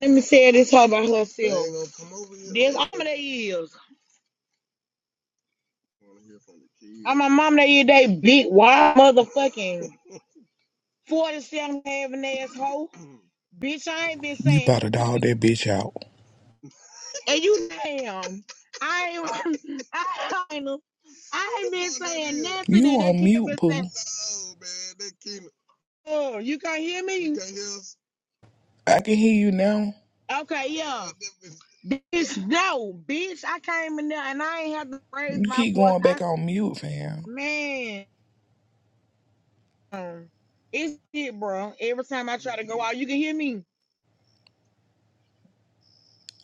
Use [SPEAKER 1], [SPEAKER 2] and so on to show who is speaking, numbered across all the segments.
[SPEAKER 1] Let me say this hoe about herself. This I'm they is. I'm my mom they is they big wild motherfucking 47 having ass hoe. Bitch, I ain't been
[SPEAKER 2] You
[SPEAKER 1] saying
[SPEAKER 2] about to dog that bitch out.
[SPEAKER 1] and you damn. I ain't I ain't I ain't been saying nothing
[SPEAKER 2] You
[SPEAKER 1] that they
[SPEAKER 2] on
[SPEAKER 1] can't be
[SPEAKER 2] mute,
[SPEAKER 1] saying.
[SPEAKER 2] Pooh.
[SPEAKER 1] Oh, man, that can't. Oh, you can't hear me? You can't hear us?
[SPEAKER 2] I can hear you now.
[SPEAKER 1] Okay, yeah. Bitch, no, bitch, I came in there and I ain't have to raise
[SPEAKER 2] You
[SPEAKER 1] my
[SPEAKER 2] keep
[SPEAKER 1] voice.
[SPEAKER 2] going
[SPEAKER 1] I
[SPEAKER 2] back on mute, fam.
[SPEAKER 1] man. on. It's it, bro. Every time I try to go out, you can hear me.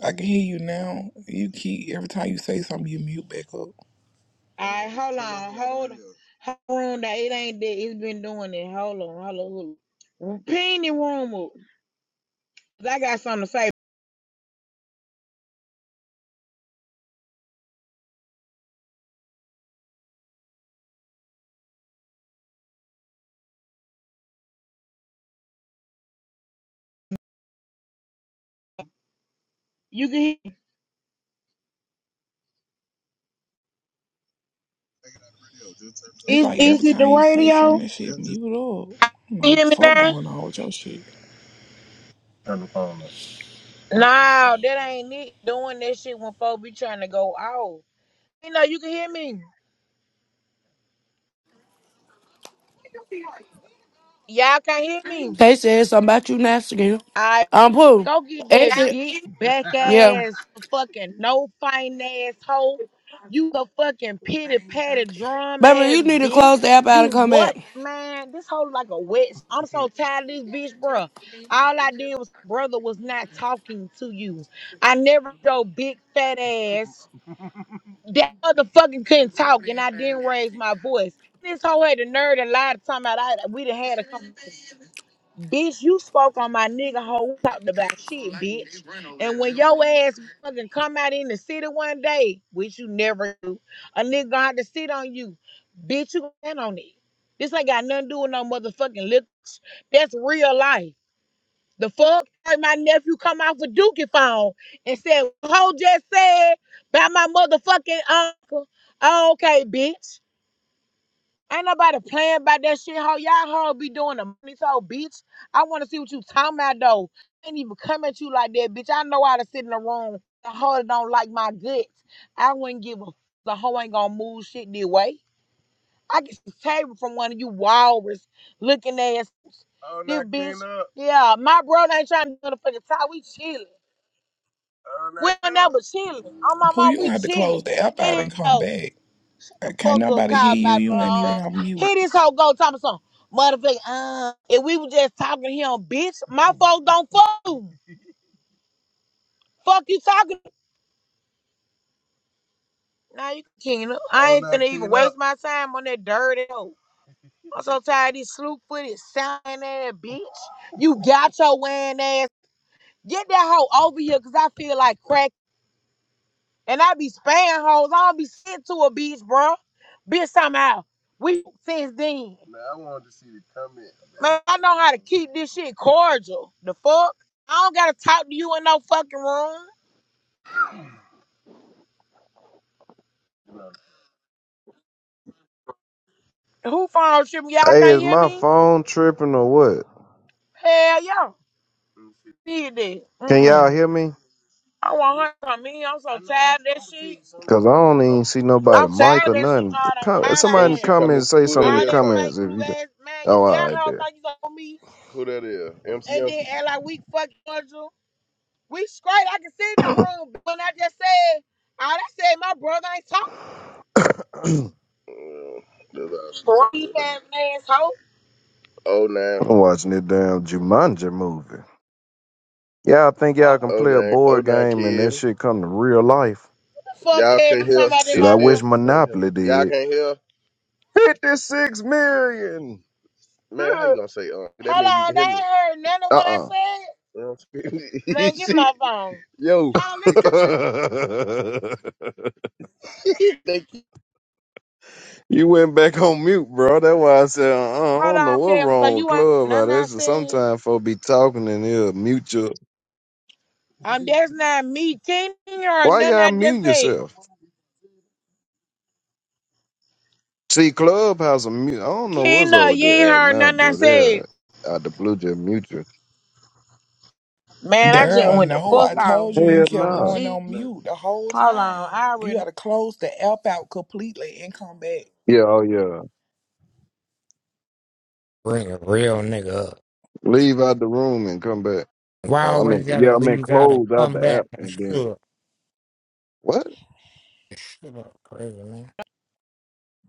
[SPEAKER 2] I can hear you now. You keep, every time you say something, you mute back up.
[SPEAKER 1] All right, hold on, hold on. Hold on, that it ain't that. It's been doing it. Hold on, hold on. Hold on. Pin the room up. 'Cause I got something to say. You can hear.
[SPEAKER 2] It's
[SPEAKER 1] Is
[SPEAKER 2] like every
[SPEAKER 1] is it
[SPEAKER 2] time
[SPEAKER 1] the
[SPEAKER 2] you say something,
[SPEAKER 1] radio?
[SPEAKER 2] that shit
[SPEAKER 1] You
[SPEAKER 2] mute up. I don't know what
[SPEAKER 1] hear
[SPEAKER 2] the
[SPEAKER 1] me
[SPEAKER 2] fuck
[SPEAKER 1] now?
[SPEAKER 2] going on with your shit.
[SPEAKER 1] No, that ain't it. Doing that shit when folks be trying to go out. You know, you can hear me. Y'all can't hear me.
[SPEAKER 3] They said something about you nasty. girl. I'm Pooh.
[SPEAKER 1] Go get that
[SPEAKER 3] Exit.
[SPEAKER 1] big back
[SPEAKER 3] Yeah.
[SPEAKER 1] ass fucking no fine ass hoe. You a fucking pity patty drum
[SPEAKER 3] Baby,
[SPEAKER 1] ass
[SPEAKER 3] you need to
[SPEAKER 1] bitch.
[SPEAKER 3] close the app out and
[SPEAKER 1] You
[SPEAKER 3] come
[SPEAKER 1] what,
[SPEAKER 3] back.
[SPEAKER 1] man? This hoe like a wet. I'm so tired of this bitch, bro. All I did was brother was not talking to you. I never go big fat ass. That motherfucking couldn't talk and I didn't raise my voice. This hoe had the nerve to lie to talking about I we done had a conversation. Bitch, you spoke on my nigga hoe we talked about shit, bitch. And when your ass fucking come out in the city one day, which you never do, a nigga gonna have to sit on you. Bitch, you gonna stand on it. This ain't got nothing to do with no motherfucking lips. That's real life. The fuck? Like my nephew come out for Dookie phone and said, hoe just said by my motherfucking uncle. Oh, okay, bitch. Ain't nobody playing about that shit, ho. Y'all ho be doing the money so, bitch. I want to see what you talking about, though. I ain't even come at you like that, bitch. I know how to sit in the room. The hoe don't like my guts. I wouldn't give a. The hoe ain't gonna move shit this way. I get see table from one of you walrus looking ass. Oh, This bitch. up. Yeah, my bro ain't trying to do the fucking talk. We chilling. Oh, We not don't clean up. chilling. On my
[SPEAKER 2] Pooh,
[SPEAKER 1] mom,
[SPEAKER 2] you gonna
[SPEAKER 1] we
[SPEAKER 2] have to
[SPEAKER 1] chilling.
[SPEAKER 2] close the app out
[SPEAKER 1] Hit
[SPEAKER 2] and
[SPEAKER 1] it
[SPEAKER 2] come
[SPEAKER 1] out.
[SPEAKER 2] back.
[SPEAKER 1] Shut the
[SPEAKER 2] Can't
[SPEAKER 1] fuck up,
[SPEAKER 2] nobody hear
[SPEAKER 1] call
[SPEAKER 2] you.
[SPEAKER 1] my
[SPEAKER 2] You ain't even
[SPEAKER 1] mom.
[SPEAKER 2] on mute.
[SPEAKER 1] Hear this whole go talking some motherfucker. Uh, if we were just talking to him, bitch, my folks don't fuck you. Fuck you talking. Now you can up. I Oh, ain't now finna even waste my time on that dirty hoe. I'm so tired of these sloop footed sounding ass bitch. You got your wearing ass. Get that hoe over here, cause I feel like cracking. And I be spaying hoes. I don't be sent to a beach, bro. Bitch, somehow. We since then. Man, I wanted to see the comment. Man, Man, I know how to keep this shit cordial. The fuck? I don't gotta talk to you in no fucking room. Right. Who phone tripping? Y'all
[SPEAKER 4] Hey,
[SPEAKER 1] can't
[SPEAKER 4] is
[SPEAKER 1] hear
[SPEAKER 4] my
[SPEAKER 1] me?
[SPEAKER 4] phone tripping or what?
[SPEAKER 1] Hell yeah. Mm-hmm. Did that.
[SPEAKER 4] Can y'all
[SPEAKER 1] Mm-mm.
[SPEAKER 4] hear me?
[SPEAKER 1] I want her from me. I'm so I know tired of that shit. As soon as she
[SPEAKER 4] Cause I
[SPEAKER 1] come in.
[SPEAKER 4] don't even
[SPEAKER 1] I'm,
[SPEAKER 4] see
[SPEAKER 1] you know I'm
[SPEAKER 4] nobody,
[SPEAKER 1] I'm saying?
[SPEAKER 4] mic
[SPEAKER 1] tired of
[SPEAKER 4] or
[SPEAKER 1] that shit.
[SPEAKER 4] nothing.
[SPEAKER 1] All that,
[SPEAKER 4] Com-
[SPEAKER 1] all that,
[SPEAKER 4] Somebody
[SPEAKER 1] Soon
[SPEAKER 4] in
[SPEAKER 1] as
[SPEAKER 4] the
[SPEAKER 1] she come in,
[SPEAKER 4] comments say
[SPEAKER 1] who that
[SPEAKER 4] something in
[SPEAKER 1] All
[SPEAKER 4] the
[SPEAKER 1] is that talking?
[SPEAKER 4] comments
[SPEAKER 1] fake
[SPEAKER 4] if
[SPEAKER 1] glue
[SPEAKER 4] you. Can.
[SPEAKER 1] ass. Man, you
[SPEAKER 4] Oh, all
[SPEAKER 1] got
[SPEAKER 4] right,
[SPEAKER 1] her
[SPEAKER 4] there.
[SPEAKER 1] thing you on me. Who that is? M C M. And then act like we fucking cordial. We straight. I can see in the room. When I just said, all I said, my brother ain't talking.
[SPEAKER 4] I'm
[SPEAKER 1] Uh, that's all she ass asshole. Oh nine,
[SPEAKER 4] watching this damn Jumanji movie. Y'all think y'all
[SPEAKER 1] What?
[SPEAKER 4] can
[SPEAKER 1] Oh nine. Oh
[SPEAKER 4] play
[SPEAKER 1] nine
[SPEAKER 4] a board game and that
[SPEAKER 1] kid.
[SPEAKER 4] shit come to real life?
[SPEAKER 1] Fuck Y'all can't hear. somebody in
[SPEAKER 4] Shit,
[SPEAKER 1] It's
[SPEAKER 4] I
[SPEAKER 1] my
[SPEAKER 4] wish
[SPEAKER 1] still. Can't hear.
[SPEAKER 4] Monopoly
[SPEAKER 1] Y'all
[SPEAKER 4] did.
[SPEAKER 1] can't hear.
[SPEAKER 4] Fifty-six million.
[SPEAKER 1] man, how you gonna say uh Hold on, they ain't heard none of
[SPEAKER 4] Uh
[SPEAKER 1] what I
[SPEAKER 4] uh
[SPEAKER 1] said. Man, give me my phone. Yo, Hold on, you let me. can't they keep
[SPEAKER 4] You went back on mute, bro. That's why I said uh, uh, I
[SPEAKER 1] Hold
[SPEAKER 4] don't know
[SPEAKER 1] on,
[SPEAKER 4] what's
[SPEAKER 1] Kevin, so
[SPEAKER 4] wrong with
[SPEAKER 1] you ain't
[SPEAKER 4] Clubhouse. out
[SPEAKER 1] nothing I
[SPEAKER 4] there.
[SPEAKER 1] said.
[SPEAKER 4] Sometimes folks be talking and they'll mute you.
[SPEAKER 1] Um, that's not me. Tina you heard
[SPEAKER 4] Why
[SPEAKER 1] nothing
[SPEAKER 4] y'all
[SPEAKER 1] I just
[SPEAKER 4] mute
[SPEAKER 1] said.
[SPEAKER 4] yourself? See, Clubhouse a mute. I don't know what's
[SPEAKER 1] Kena,
[SPEAKER 4] over
[SPEAKER 1] you ain't
[SPEAKER 4] there
[SPEAKER 1] heard
[SPEAKER 4] now,
[SPEAKER 1] nothing I
[SPEAKER 4] bro.
[SPEAKER 1] said.
[SPEAKER 4] They're out the blue just mute you.
[SPEAKER 1] Man, I just
[SPEAKER 2] Girl,
[SPEAKER 1] went the
[SPEAKER 2] no, I
[SPEAKER 1] fuck off.
[SPEAKER 2] told you you
[SPEAKER 4] Hell
[SPEAKER 2] kept
[SPEAKER 1] Um,
[SPEAKER 4] no.
[SPEAKER 2] going
[SPEAKER 1] gee.
[SPEAKER 2] on
[SPEAKER 1] Hold
[SPEAKER 2] mute the whole time.
[SPEAKER 1] on, I
[SPEAKER 2] You
[SPEAKER 1] already. know.
[SPEAKER 2] gotta close the app out completely and come back.
[SPEAKER 4] Yeah, oh yeah.
[SPEAKER 5] Bring a real nigga up.
[SPEAKER 4] Leave out the room and come back.
[SPEAKER 5] Why
[SPEAKER 4] Oh, I mean,
[SPEAKER 5] always
[SPEAKER 4] yeah,
[SPEAKER 5] gotta
[SPEAKER 4] I mean,
[SPEAKER 5] leave out and
[SPEAKER 4] close out
[SPEAKER 5] come
[SPEAKER 4] the
[SPEAKER 5] back
[SPEAKER 4] app
[SPEAKER 5] and
[SPEAKER 4] and then
[SPEAKER 5] stood?
[SPEAKER 4] what?
[SPEAKER 5] Shit up, crazy man.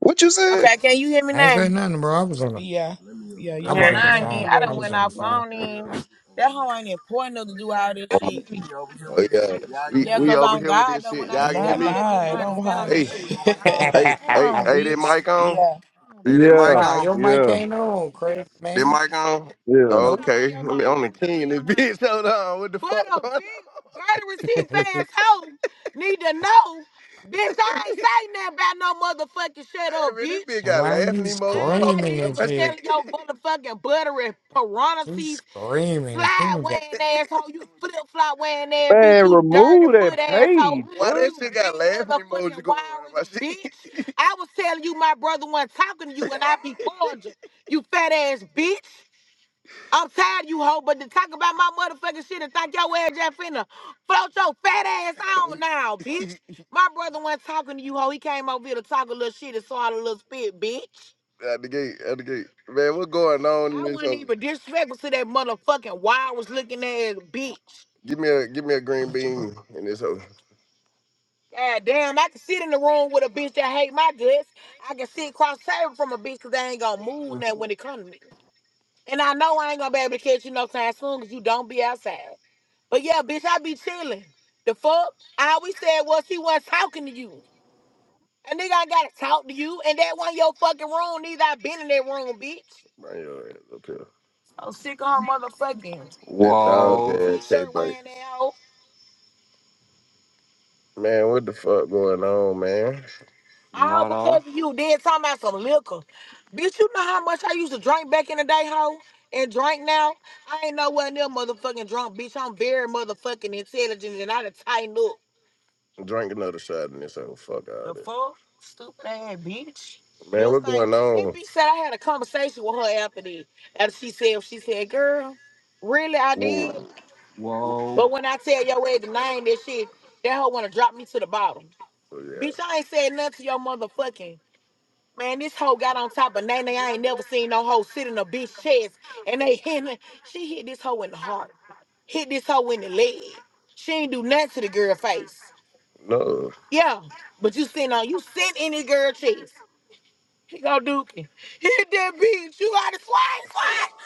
[SPEAKER 4] What you said?
[SPEAKER 1] Okay, can you hear me
[SPEAKER 5] I ain't
[SPEAKER 1] now?
[SPEAKER 5] say nothing, bro. I was on the
[SPEAKER 2] Yeah, yeah,
[SPEAKER 5] I
[SPEAKER 2] you
[SPEAKER 5] was
[SPEAKER 1] Man,
[SPEAKER 5] on the
[SPEAKER 2] working
[SPEAKER 1] I
[SPEAKER 2] now.
[SPEAKER 1] ain't. even-
[SPEAKER 5] phone.
[SPEAKER 2] You
[SPEAKER 1] I
[SPEAKER 5] I
[SPEAKER 1] done
[SPEAKER 2] working
[SPEAKER 5] was
[SPEAKER 1] went
[SPEAKER 5] on
[SPEAKER 2] now.
[SPEAKER 5] the
[SPEAKER 1] off. I
[SPEAKER 5] phone.
[SPEAKER 1] don't even. That hoe ain't important enough to do all this shit. We, we over here with
[SPEAKER 6] Oh
[SPEAKER 1] this
[SPEAKER 6] yeah,
[SPEAKER 1] shit, y'all. You
[SPEAKER 6] we
[SPEAKER 1] Yeah,
[SPEAKER 6] we
[SPEAKER 1] cause
[SPEAKER 6] over
[SPEAKER 1] on
[SPEAKER 6] here with
[SPEAKER 1] God
[SPEAKER 6] this
[SPEAKER 1] though, when
[SPEAKER 6] shit.
[SPEAKER 1] I
[SPEAKER 2] And
[SPEAKER 6] Y'all
[SPEAKER 1] see
[SPEAKER 6] can hear
[SPEAKER 1] that
[SPEAKER 2] Not
[SPEAKER 1] hoe,
[SPEAKER 6] me?
[SPEAKER 1] that bitch
[SPEAKER 2] nah,
[SPEAKER 1] gonna have to
[SPEAKER 2] don't
[SPEAKER 1] stand on
[SPEAKER 2] holler.
[SPEAKER 6] Hey,
[SPEAKER 1] this hey, shit. Hey, Mike on.
[SPEAKER 6] hey,
[SPEAKER 1] Hold
[SPEAKER 6] hey,
[SPEAKER 1] on, hey,
[SPEAKER 6] hey, that
[SPEAKER 1] bitch.
[SPEAKER 6] mic
[SPEAKER 1] Mike.
[SPEAKER 6] on?
[SPEAKER 2] yeah.
[SPEAKER 6] Hey, that mic
[SPEAKER 4] Yeah,
[SPEAKER 5] nah,
[SPEAKER 6] on?
[SPEAKER 5] your mic
[SPEAKER 4] yeah,
[SPEAKER 5] ain't on, crazy
[SPEAKER 6] That
[SPEAKER 5] man.
[SPEAKER 6] mic on?
[SPEAKER 4] yeah.
[SPEAKER 5] Nope.
[SPEAKER 6] Okay, let me on the king in this bitch. Hold on, what the What fuck? What a going on? big murderous he fast hoe need to know. Bitch, I ain't saying nothing about no motherfucking shut up, Hey, man, this bitch. bitch got
[SPEAKER 5] Why
[SPEAKER 6] laughing
[SPEAKER 5] you
[SPEAKER 6] emoji All I popping up.
[SPEAKER 5] screaming
[SPEAKER 6] did out
[SPEAKER 5] and
[SPEAKER 6] my was
[SPEAKER 5] shit?
[SPEAKER 6] shit. tell your motherfucking buttery
[SPEAKER 5] She's
[SPEAKER 6] piranha
[SPEAKER 5] screaming.
[SPEAKER 6] Slide wearing asshole. You flip flop wearing ass bitch.
[SPEAKER 4] Man,
[SPEAKER 6] You dirty
[SPEAKER 4] remove that
[SPEAKER 6] foot asshole.
[SPEAKER 4] page,
[SPEAKER 6] Why that You
[SPEAKER 4] bro.
[SPEAKER 6] shit got big laughing motherfucking emoji going around walrus my wiry shit? bitch. I was telling you my brother wasn't talking to you and I be cordial. You fat ass bitch. I'm tired, you hoe, but to talk about my motherfucking shit and think your ass just finna float your fat ass on now, bitch. My brother wasn't talking to you, hoe. He came over here to talk a little shit and saw a little spit, bitch. at the gate, at the gate. Man, what's going on in I this? wasn't hoe? even disrespectful to that motherfucking wild was looking ass bitch. Give me a give me a green bean in this hoe. God damn, I can sit in the room with a bitch that hate my guts. I can sit cross table from a bitch because they ain't gonna move now when it comes to me. And I know I ain't gonna be able to catch you no time soon because you don't be outside. But yeah, bitch, I be chilling. The fuck? I always said was he wasn't talking to you. and nigga, I gotta talk to you, and that one your fucking room. Neither I been in that room, bitch. Bring your ass up here. I'm sick of her motherfucking That dog
[SPEAKER 7] Whoa,
[SPEAKER 6] ass t-shirt cat thing. wearing that hoe. Man, what the fuck going on, man? All
[SPEAKER 7] Nardo.
[SPEAKER 6] because of you Then talking about some liquor. Bitch, you know how much I used to drink back in the day, hoe? And drink now? I ain't nowhere near motherfucking drunk, bitch. I'm very motherfucking intelligent and I done tighten up. Drink another shot and this ain't fuck out." The that. fuck? Stupid ass bitch. Man, This what ain't. going This on? bitch said I had a conversation with her after this. After she said, she said, girl, really I did.
[SPEAKER 7] Whoa. Whoa.
[SPEAKER 6] But when I tell your way the name, that shit, that hoe wanna drop me to the bottom. Yeah. Bitch, I ain't said nothing to your motherfucking. Man, this hoe got on top of Nene. I ain't never seen no hoe sit in a bitch chest and they hit her. She hit this hoe in the heart. Hit this hoe in the leg. She ain't do nothing to the girl face. No. Yeah. But you sitting on you sit in this girl chest. He gonna duke it. He hit that bitch. you gotta swat,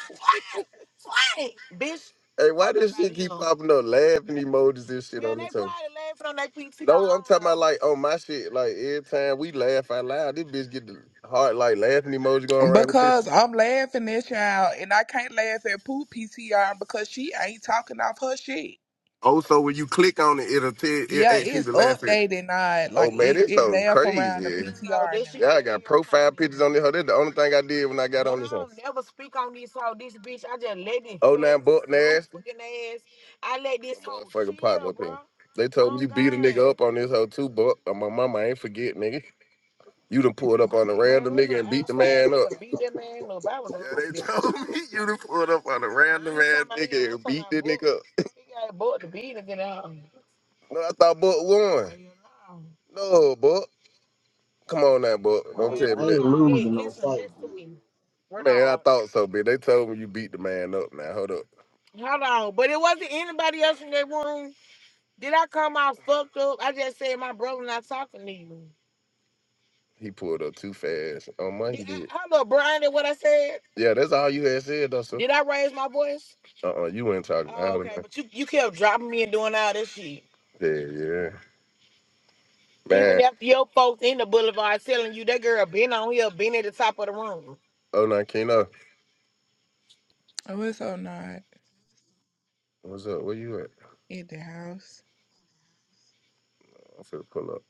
[SPEAKER 6] swat, swat, swat it. Bitch. Hey, why does shit keep popping up laughing emojis and shit Man, on they this probably hoe? laughing on their PTR. No, I am talking about like on my shit, like every time we laugh out loud, this bitch get the heart like laughing emoji going around the
[SPEAKER 2] Because
[SPEAKER 6] picture.
[SPEAKER 2] I'm laughing at y'all and I can't laugh at Poop PCR because she ain't talking off her shit.
[SPEAKER 6] Also, when you click on it, it'll tell it
[SPEAKER 2] Yeah,
[SPEAKER 6] asks you
[SPEAKER 2] it's
[SPEAKER 6] to laugh at it.
[SPEAKER 2] updated not
[SPEAKER 6] Oh
[SPEAKER 2] like
[SPEAKER 6] man,
[SPEAKER 2] it,
[SPEAKER 6] this
[SPEAKER 2] it
[SPEAKER 6] so
[SPEAKER 2] laugh around the
[SPEAKER 6] crazy. No,
[SPEAKER 2] PTR
[SPEAKER 6] this shit-
[SPEAKER 2] now.
[SPEAKER 6] Y'all got profile pictures on this hoe. That's the only thing I did when I got on this hoe. I don't never speak on this hoe. This bitch, I just let it. Oh nine buck nasty. ass. I let this hoe. Fucking pop up here. They told me you beat a nigga up on this hoe too, buck. Uh, My mama I ain't forget, nigga. You done pulled up on a random nigga and beat the man up. Beat that man up. I was yeah, they told me you done pulled up on a random man, nigga and beat that nigga up. He got booked to beat again. No, I thought Buck won. No, Buck. Come on now, Buck. Don't
[SPEAKER 8] Oh yeah,
[SPEAKER 6] tell
[SPEAKER 8] I
[SPEAKER 6] me that.
[SPEAKER 8] ain't losing no
[SPEAKER 6] Listen,
[SPEAKER 8] fight.
[SPEAKER 6] listen to me. Man, I thought so, bitch. They told me you beat the man up now. Hold up. Hold on, but it wasn't not anybody else in that room. Did I I come out fucked up? I just said my brother not talking to you. He pulled up too fast. Oh my he did. Hold up, Brian, did what I said. Yeah, that's all you had said though, sir. Uh uh you weren't talking. Oh, I don't okay, know. But you, you kept dropping me and doing all this shit. Yeah, yeah. Even Man, after your folks in the boulevard telling you that girl been on here, been at the top of the room. Oh oh nine Keno.
[SPEAKER 2] Oh, it's so not
[SPEAKER 6] What's up? Where you at?
[SPEAKER 2] in the house.
[SPEAKER 6] I'm finna pull up.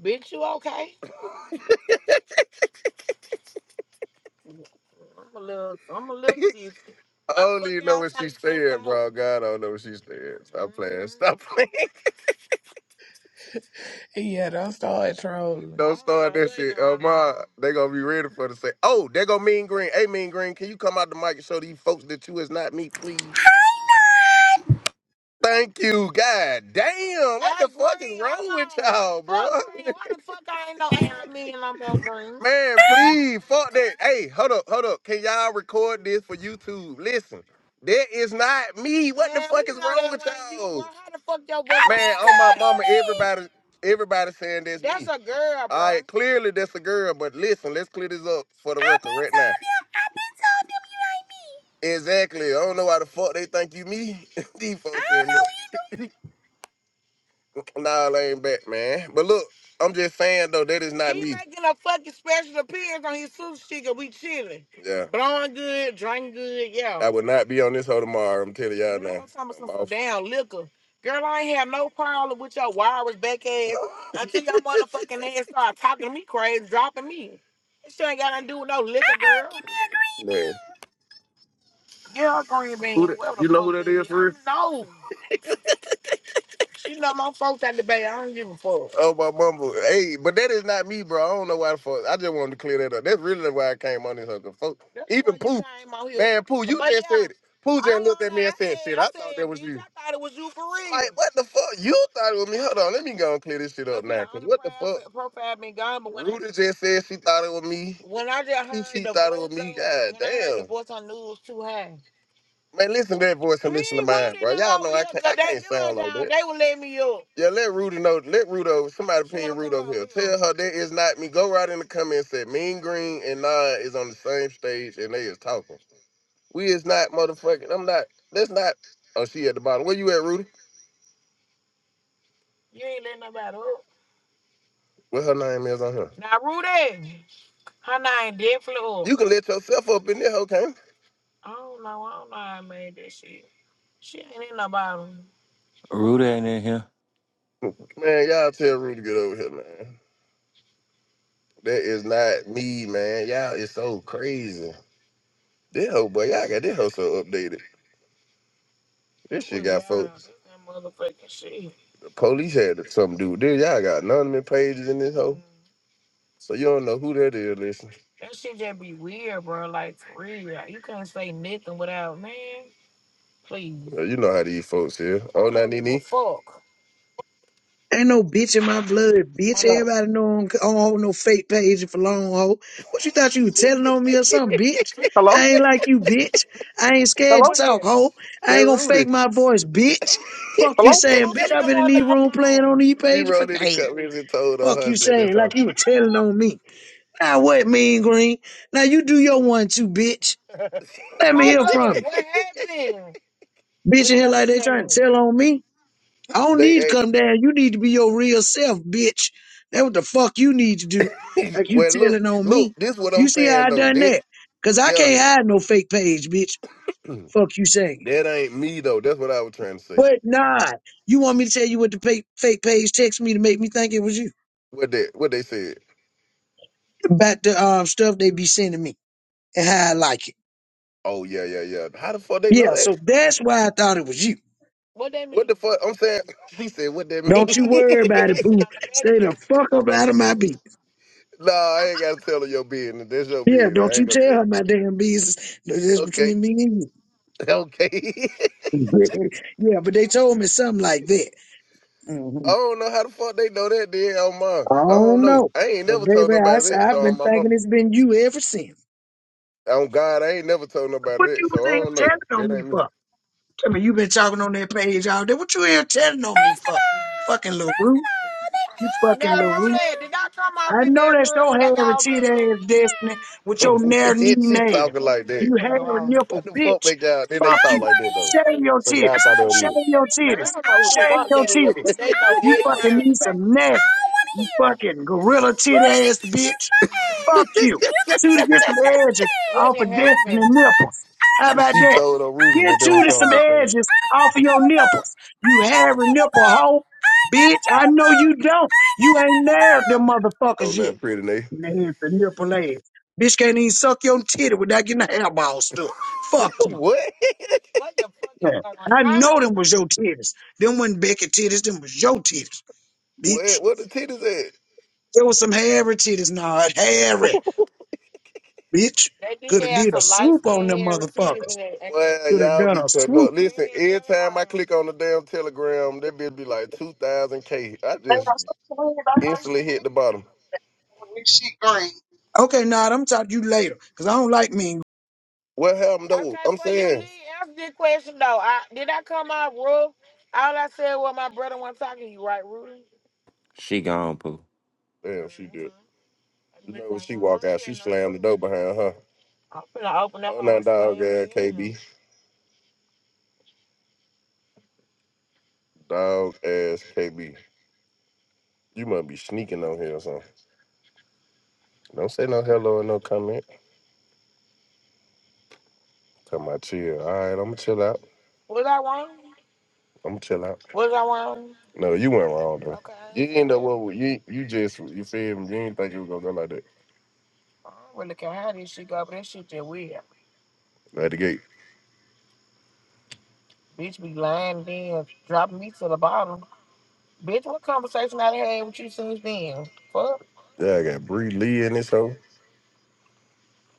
[SPEAKER 6] Bitch, you okay? I'm a little, I'm a little dizzy. I am don't fucking even feeling know what outside she the fuck stayed, bro. God, I don't know what she stayed. Stop playing. hmm Stop playing. I
[SPEAKER 2] Yeah, don't start trolling.
[SPEAKER 6] don't don't start know that what shit. Oh going ma, on. they gonna be ready for to say, "Oh, they go Mean Green. Hey, Mean Green, can you come out the mic and show these folks that you is not me, please?" Thank you, God damn. What the Hey, fuck is Green, wrong with hold on. y'all, bro? Fuck Green. Why the fuck I ain't no
[SPEAKER 9] I
[SPEAKER 6] admin no more, Green? Man, please, fuck that. Hey, hold up, hold up. Can y'all record this for YouTube? Listen, that is not me. What the Man, we fuck we is know wrong that with ain't you. y'all? Well, how the fuck your voice on
[SPEAKER 9] be
[SPEAKER 6] Man, on your my
[SPEAKER 9] told
[SPEAKER 6] record?
[SPEAKER 9] him
[SPEAKER 6] mama,
[SPEAKER 9] that.
[SPEAKER 6] everybody, everybody saying that's That's me. a girl, All bro. right, clearly that's a girl, but listen, let's clear this up for the
[SPEAKER 9] I
[SPEAKER 6] record
[SPEAKER 9] be
[SPEAKER 6] right now.
[SPEAKER 9] told him. I be told him you ain't me.
[SPEAKER 6] Exactly. I don't know why the fuck they think you me. These
[SPEAKER 9] I
[SPEAKER 6] folks
[SPEAKER 9] don't
[SPEAKER 6] here.
[SPEAKER 9] know either.
[SPEAKER 6] Nah, I ain't back, man. But look, I'm just saying though, that is not He me. making a fucking special appearance on his sushi chick and we chilling. Yeah. Blowing good, drinking good, yeah. I would not be on this hoe tomorrow. I'm telling y'all Girl, now. Girl, I'm talking about I'm some, some off. damn liquor. Girl, I ain't have no problem with your wireless back ass until your motherfucking ass start talking to me crazy, dropping me. This shit ain't got nothing to do with no liquor,
[SPEAKER 9] Uh-uh.
[SPEAKER 6] girl.
[SPEAKER 9] Give me a green
[SPEAKER 6] Man.
[SPEAKER 9] bean.
[SPEAKER 6] Yeah, green Who bean, that whatever the you know fuck who fuck that it is is. I for real? know. You know my folks at the bay. I don't give a fuck. Oh my mama. Hey, but that is not me, bro. I don't know why the fuck. I just wanted to clear that up. That's really why I came on this other folk. That's why Even why you Pooh, came out here. man, Pooh, you But just yeah, said it. Pooh all just looked at me and said, "Shit, I I said, I thought that said, was bitch, you." I thought it was you for real. Like, what the fuck? You thought it was me? Hold on, let me go and clear this shit up Cause now. my Cause only what the fuck? profi- profile been gone, but when I Rudy just said she thought it was me. when I just She heard she the thought it voice was me. on God when I heard the damn. voice on the news too high. Man, listen to that voice and We listen to ain't mine, waiting bro. listen to Y'all no know I can't, I they can't good sound good like now. that. They will let me up. Yeah, let Rudy know. Let Rudy over. Somebody pin Rudy over here. Tell her that is not me. Go right in the comments that Mean Green and Nod is on the same stage and they is talking. We is not motherfucking. I'm not. That's not. Oh, she at the bottom. Where you at, Rudy? You ain't letting nobody up. What her name is on here? Now, Rudy, her name definitely up. You can let yourself up in there, okay? I don't know. I don't know how I made that shit. She ain't in the bottom.
[SPEAKER 7] Rudy ain't in here.
[SPEAKER 6] Man, y'all tell Rudy to get over here, man. That is not me, man. Y'all is so crazy. This whole boy, y'all got this hoe so updated. This shit got folks. The police had something to do with this. Y'all got anonymous pages in this hoe. So you don't know who that is, listen. You know how these folks here. Oh, not Nene.
[SPEAKER 10] Ain't no bitch in my blood, bitch.
[SPEAKER 11] Hello.
[SPEAKER 10] Everybody know I don't I don't hold no fake page for long ho. What you thought you was telling on me or something, bitch?
[SPEAKER 4] Hello,
[SPEAKER 10] I ain't like you, bitch. I ain't scared to
[SPEAKER 4] hello,
[SPEAKER 10] talk, ho.
[SPEAKER 6] That
[SPEAKER 10] I ain't gonna
[SPEAKER 6] Rudy.
[SPEAKER 10] fake my voice, bitch. Fuck
[SPEAKER 4] hello.
[SPEAKER 10] you
[SPEAKER 6] Who
[SPEAKER 10] saying, bitch.
[SPEAKER 6] she
[SPEAKER 10] I've
[SPEAKER 6] doing
[SPEAKER 10] been in these
[SPEAKER 6] now
[SPEAKER 10] room playing on
[SPEAKER 6] phone?
[SPEAKER 10] these
[SPEAKER 6] She
[SPEAKER 10] pages for
[SPEAKER 6] wrote in the
[SPEAKER 10] days.
[SPEAKER 6] comments and told her
[SPEAKER 10] Fuck you
[SPEAKER 6] husband. That's
[SPEAKER 10] saying,
[SPEAKER 6] her.
[SPEAKER 10] like you were telling on me. Now what, mean green? Now you do your one too, bitch. Let me hear
[SPEAKER 6] Hello,
[SPEAKER 10] from you.
[SPEAKER 6] what happened?
[SPEAKER 10] Bitch
[SPEAKER 6] Let me
[SPEAKER 10] in here
[SPEAKER 6] go to
[SPEAKER 10] like
[SPEAKER 6] the
[SPEAKER 10] they trying
[SPEAKER 6] family.
[SPEAKER 10] to tell on me. I don't need to
[SPEAKER 6] They
[SPEAKER 10] come down. You need to be your real self, bitch. That what the fuck you need to do.
[SPEAKER 6] act-
[SPEAKER 10] Like you
[SPEAKER 6] well look,
[SPEAKER 10] telling on
[SPEAKER 6] look,
[SPEAKER 10] me.
[SPEAKER 6] this what I'm
[SPEAKER 10] You see how
[SPEAKER 6] saying
[SPEAKER 10] I
[SPEAKER 6] though.
[SPEAKER 10] done
[SPEAKER 6] That
[SPEAKER 10] that? Cause I
[SPEAKER 6] yeah,
[SPEAKER 10] can't hide no fake page, bitch. Fuck you saying.
[SPEAKER 6] that ain't me though. That's what I was trying to say.
[SPEAKER 10] But nah, you want me to tell you what the fake fake page text me to make me think it was you
[SPEAKER 6] What they what they said.
[SPEAKER 10] about the um stuff they be sending me and how I like it.
[SPEAKER 6] Oh yeah, yeah, yeah. How the fuck they know
[SPEAKER 10] Yeah,
[SPEAKER 6] that?
[SPEAKER 10] so that's why I thought it was you.
[SPEAKER 6] What that What mean? the fuck? I'm saying she said what that You already
[SPEAKER 10] Don't
[SPEAKER 6] mean?
[SPEAKER 10] you
[SPEAKER 6] Somebody
[SPEAKER 10] worry
[SPEAKER 6] tell me
[SPEAKER 10] about it,
[SPEAKER 6] that
[SPEAKER 10] boo.
[SPEAKER 6] shit on the back
[SPEAKER 10] Stay the fuck
[SPEAKER 6] end. Nigga,
[SPEAKER 10] up
[SPEAKER 6] what
[SPEAKER 10] out of
[SPEAKER 6] that
[SPEAKER 10] my
[SPEAKER 6] mean?
[SPEAKER 10] business.
[SPEAKER 6] nah, I ain't gotta tell her your business. That's your
[SPEAKER 10] Yeah,
[SPEAKER 6] business. I
[SPEAKER 10] don't
[SPEAKER 6] ain't
[SPEAKER 10] you
[SPEAKER 6] gonna
[SPEAKER 10] tell
[SPEAKER 6] tell
[SPEAKER 10] her
[SPEAKER 6] her.
[SPEAKER 10] my damn business. That's
[SPEAKER 6] Okay.
[SPEAKER 10] between me and you.
[SPEAKER 6] Okay.
[SPEAKER 10] yeah, but they told me something like that.
[SPEAKER 6] I
[SPEAKER 10] hmm
[SPEAKER 6] don't know how the fuck they know that then on mine.
[SPEAKER 10] I
[SPEAKER 6] I don't
[SPEAKER 10] don't
[SPEAKER 6] know.
[SPEAKER 10] know.
[SPEAKER 6] I ain't
[SPEAKER 10] But
[SPEAKER 6] never told
[SPEAKER 10] baby, I,
[SPEAKER 6] nobody
[SPEAKER 10] s-
[SPEAKER 6] that,
[SPEAKER 10] I've
[SPEAKER 6] so on
[SPEAKER 10] been
[SPEAKER 6] my
[SPEAKER 10] thinking
[SPEAKER 6] mom.
[SPEAKER 10] it's been you ever since.
[SPEAKER 6] On God, I ain't never told nobody
[SPEAKER 10] What
[SPEAKER 6] that,
[SPEAKER 10] you
[SPEAKER 6] so
[SPEAKER 10] was
[SPEAKER 6] I
[SPEAKER 10] in
[SPEAKER 6] don't
[SPEAKER 10] here
[SPEAKER 6] know.
[SPEAKER 10] telling on
[SPEAKER 6] That
[SPEAKER 10] me
[SPEAKER 6] ain't me.
[SPEAKER 10] for? Tell me you been talking on that page all day. What you here telling on me
[SPEAKER 9] First of
[SPEAKER 10] for?
[SPEAKER 9] all,
[SPEAKER 10] Fucking
[SPEAKER 9] first of
[SPEAKER 10] LaRue.
[SPEAKER 9] all, they
[SPEAKER 10] You
[SPEAKER 9] asked
[SPEAKER 10] fucking
[SPEAKER 6] Now,
[SPEAKER 9] about
[SPEAKER 10] LaRue.
[SPEAKER 9] you.
[SPEAKER 6] Rudy, did I come off
[SPEAKER 10] I
[SPEAKER 6] in
[SPEAKER 10] know
[SPEAKER 6] that
[SPEAKER 10] that's your
[SPEAKER 6] room like I
[SPEAKER 10] heritage ass destiny
[SPEAKER 9] I
[SPEAKER 10] with your
[SPEAKER 6] was being?
[SPEAKER 10] nare
[SPEAKER 6] then
[SPEAKER 10] knee
[SPEAKER 6] she
[SPEAKER 10] native.
[SPEAKER 6] talking like that. You
[SPEAKER 10] You
[SPEAKER 6] want to
[SPEAKER 10] have
[SPEAKER 6] go
[SPEAKER 10] a
[SPEAKER 6] out? What
[SPEAKER 10] nipple,
[SPEAKER 6] the fuck
[SPEAKER 10] bitch.
[SPEAKER 6] make y'all? Then they
[SPEAKER 10] Fuck
[SPEAKER 6] talk
[SPEAKER 9] don't
[SPEAKER 10] you.
[SPEAKER 6] like
[SPEAKER 9] want to
[SPEAKER 6] that though.
[SPEAKER 9] hear
[SPEAKER 10] Shave
[SPEAKER 9] it.
[SPEAKER 10] your
[SPEAKER 6] So
[SPEAKER 9] I
[SPEAKER 6] y'all
[SPEAKER 10] titties.
[SPEAKER 6] thought they
[SPEAKER 9] don't
[SPEAKER 6] were
[SPEAKER 9] want
[SPEAKER 10] Shave
[SPEAKER 9] to
[SPEAKER 6] me.
[SPEAKER 9] hear
[SPEAKER 10] your
[SPEAKER 9] it.
[SPEAKER 6] Man, I
[SPEAKER 10] titties.
[SPEAKER 6] don't
[SPEAKER 9] I
[SPEAKER 6] know who
[SPEAKER 9] don't
[SPEAKER 6] the
[SPEAKER 9] want to
[SPEAKER 10] Shave
[SPEAKER 6] fuck
[SPEAKER 10] your
[SPEAKER 9] hear
[SPEAKER 6] that
[SPEAKER 9] it.
[SPEAKER 6] is, but
[SPEAKER 10] titties.
[SPEAKER 6] they
[SPEAKER 9] I
[SPEAKER 6] know
[SPEAKER 9] don't
[SPEAKER 10] You
[SPEAKER 9] want to
[SPEAKER 10] fucking
[SPEAKER 9] hear
[SPEAKER 6] everybody in the
[SPEAKER 10] need
[SPEAKER 9] it.
[SPEAKER 6] back.
[SPEAKER 10] some nair.
[SPEAKER 9] I don't want to
[SPEAKER 10] You
[SPEAKER 9] hear it.
[SPEAKER 10] fucking gorilla tit
[SPEAKER 9] Rudy, you
[SPEAKER 10] ass
[SPEAKER 9] can kiss
[SPEAKER 10] bitch.
[SPEAKER 9] my ass.
[SPEAKER 10] Fuck you.
[SPEAKER 9] You can
[SPEAKER 10] Shoot
[SPEAKER 9] kiss
[SPEAKER 10] to
[SPEAKER 9] my
[SPEAKER 10] get some
[SPEAKER 9] motherfucking
[SPEAKER 10] edges
[SPEAKER 9] ass.
[SPEAKER 6] What
[SPEAKER 10] off
[SPEAKER 6] done
[SPEAKER 10] of
[SPEAKER 9] I don't give
[SPEAKER 10] destiny
[SPEAKER 9] a
[SPEAKER 6] happened?
[SPEAKER 9] fuck.
[SPEAKER 10] nipples.
[SPEAKER 9] I don't
[SPEAKER 10] How
[SPEAKER 9] give a
[SPEAKER 10] about
[SPEAKER 6] She
[SPEAKER 9] fuck.
[SPEAKER 10] that?
[SPEAKER 6] told on
[SPEAKER 9] I
[SPEAKER 6] Rudy
[SPEAKER 9] ain't
[SPEAKER 6] that
[SPEAKER 10] Get
[SPEAKER 9] never
[SPEAKER 6] they
[SPEAKER 10] you
[SPEAKER 9] gave
[SPEAKER 6] was
[SPEAKER 10] to
[SPEAKER 9] a
[SPEAKER 6] on
[SPEAKER 10] some
[SPEAKER 6] their
[SPEAKER 9] fuck.
[SPEAKER 6] page.
[SPEAKER 10] edges
[SPEAKER 9] I ain't
[SPEAKER 10] off of
[SPEAKER 9] never gave
[SPEAKER 10] your
[SPEAKER 9] a fuck.
[SPEAKER 10] nipples.
[SPEAKER 9] I
[SPEAKER 10] You
[SPEAKER 9] ain't never
[SPEAKER 10] hairy
[SPEAKER 9] gave a
[SPEAKER 10] nipple
[SPEAKER 9] fuck.
[SPEAKER 10] hoe,
[SPEAKER 9] I ain't never
[SPEAKER 10] bitch.
[SPEAKER 9] gave
[SPEAKER 10] I
[SPEAKER 9] a
[SPEAKER 10] know
[SPEAKER 9] fuck.
[SPEAKER 10] you don't.
[SPEAKER 9] I ain't
[SPEAKER 10] You
[SPEAKER 9] never
[SPEAKER 10] ain't
[SPEAKER 9] gave a
[SPEAKER 10] nailed
[SPEAKER 9] fuck.
[SPEAKER 10] them
[SPEAKER 6] Oh,
[SPEAKER 10] motherfuckers yet.
[SPEAKER 6] not pretty, Nate.
[SPEAKER 10] And they hit the nipple ass. Bitch can't even suck your titty without getting the hairball stuck. Fuck
[SPEAKER 6] what?
[SPEAKER 10] you.
[SPEAKER 6] What the fuck is
[SPEAKER 10] Yeah.
[SPEAKER 6] going
[SPEAKER 10] I
[SPEAKER 6] on?
[SPEAKER 10] know them was your titties. Them wasn't Becky titties, them was your titties,
[SPEAKER 6] What?
[SPEAKER 10] bitch.
[SPEAKER 6] What the titties
[SPEAKER 10] There was some hairy titties, nah, hairy,
[SPEAKER 6] at?
[SPEAKER 10] bitch.
[SPEAKER 6] They did
[SPEAKER 10] Could have
[SPEAKER 6] have
[SPEAKER 10] did a
[SPEAKER 6] some light
[SPEAKER 10] swoop on
[SPEAKER 6] skinned
[SPEAKER 10] them
[SPEAKER 6] hair receivers in
[SPEAKER 10] motherfuckers.
[SPEAKER 6] that. Well,
[SPEAKER 10] Could have
[SPEAKER 6] y'all
[SPEAKER 10] done
[SPEAKER 6] be
[SPEAKER 10] a
[SPEAKER 6] cutting up.
[SPEAKER 10] swoop.
[SPEAKER 6] Listen, Yeah, every that's time I why. click on the damn Telegram, that bitch be like 2,000K. I just instantly hit the bottom.
[SPEAKER 10] Okay, nah, I'm talking to you later, because I don't like mean
[SPEAKER 6] What happened though? Okay, I'm well, you saying, did answer the question though. I did I come out rough? All I said was my brother wasn't talking to you, right, Rudy?
[SPEAKER 7] She gone, boo.
[SPEAKER 6] damn, she did. You know when she walk out, she slammed the door behind her. I'm finna open up. Oh, now dog ass KB, dog ass KB. You must be sneaking on here or something. Don't say no hello and no comment. Come out chill. All right, I'm gonna chill out. Was I wrong? I'm gonna chill out. Was I wrong? No, you weren't wrong though. Okay. You end up what you you just you feel me? You didn't think it was gonna go like that. I don't really care how this shit go, but that shit just weird. Right the gate. Bitch be lying there, dropping me to the bottom. Bitch, what conversation I done had with you since then? Fuck. Yeah, I got Bree Lee in this hoe.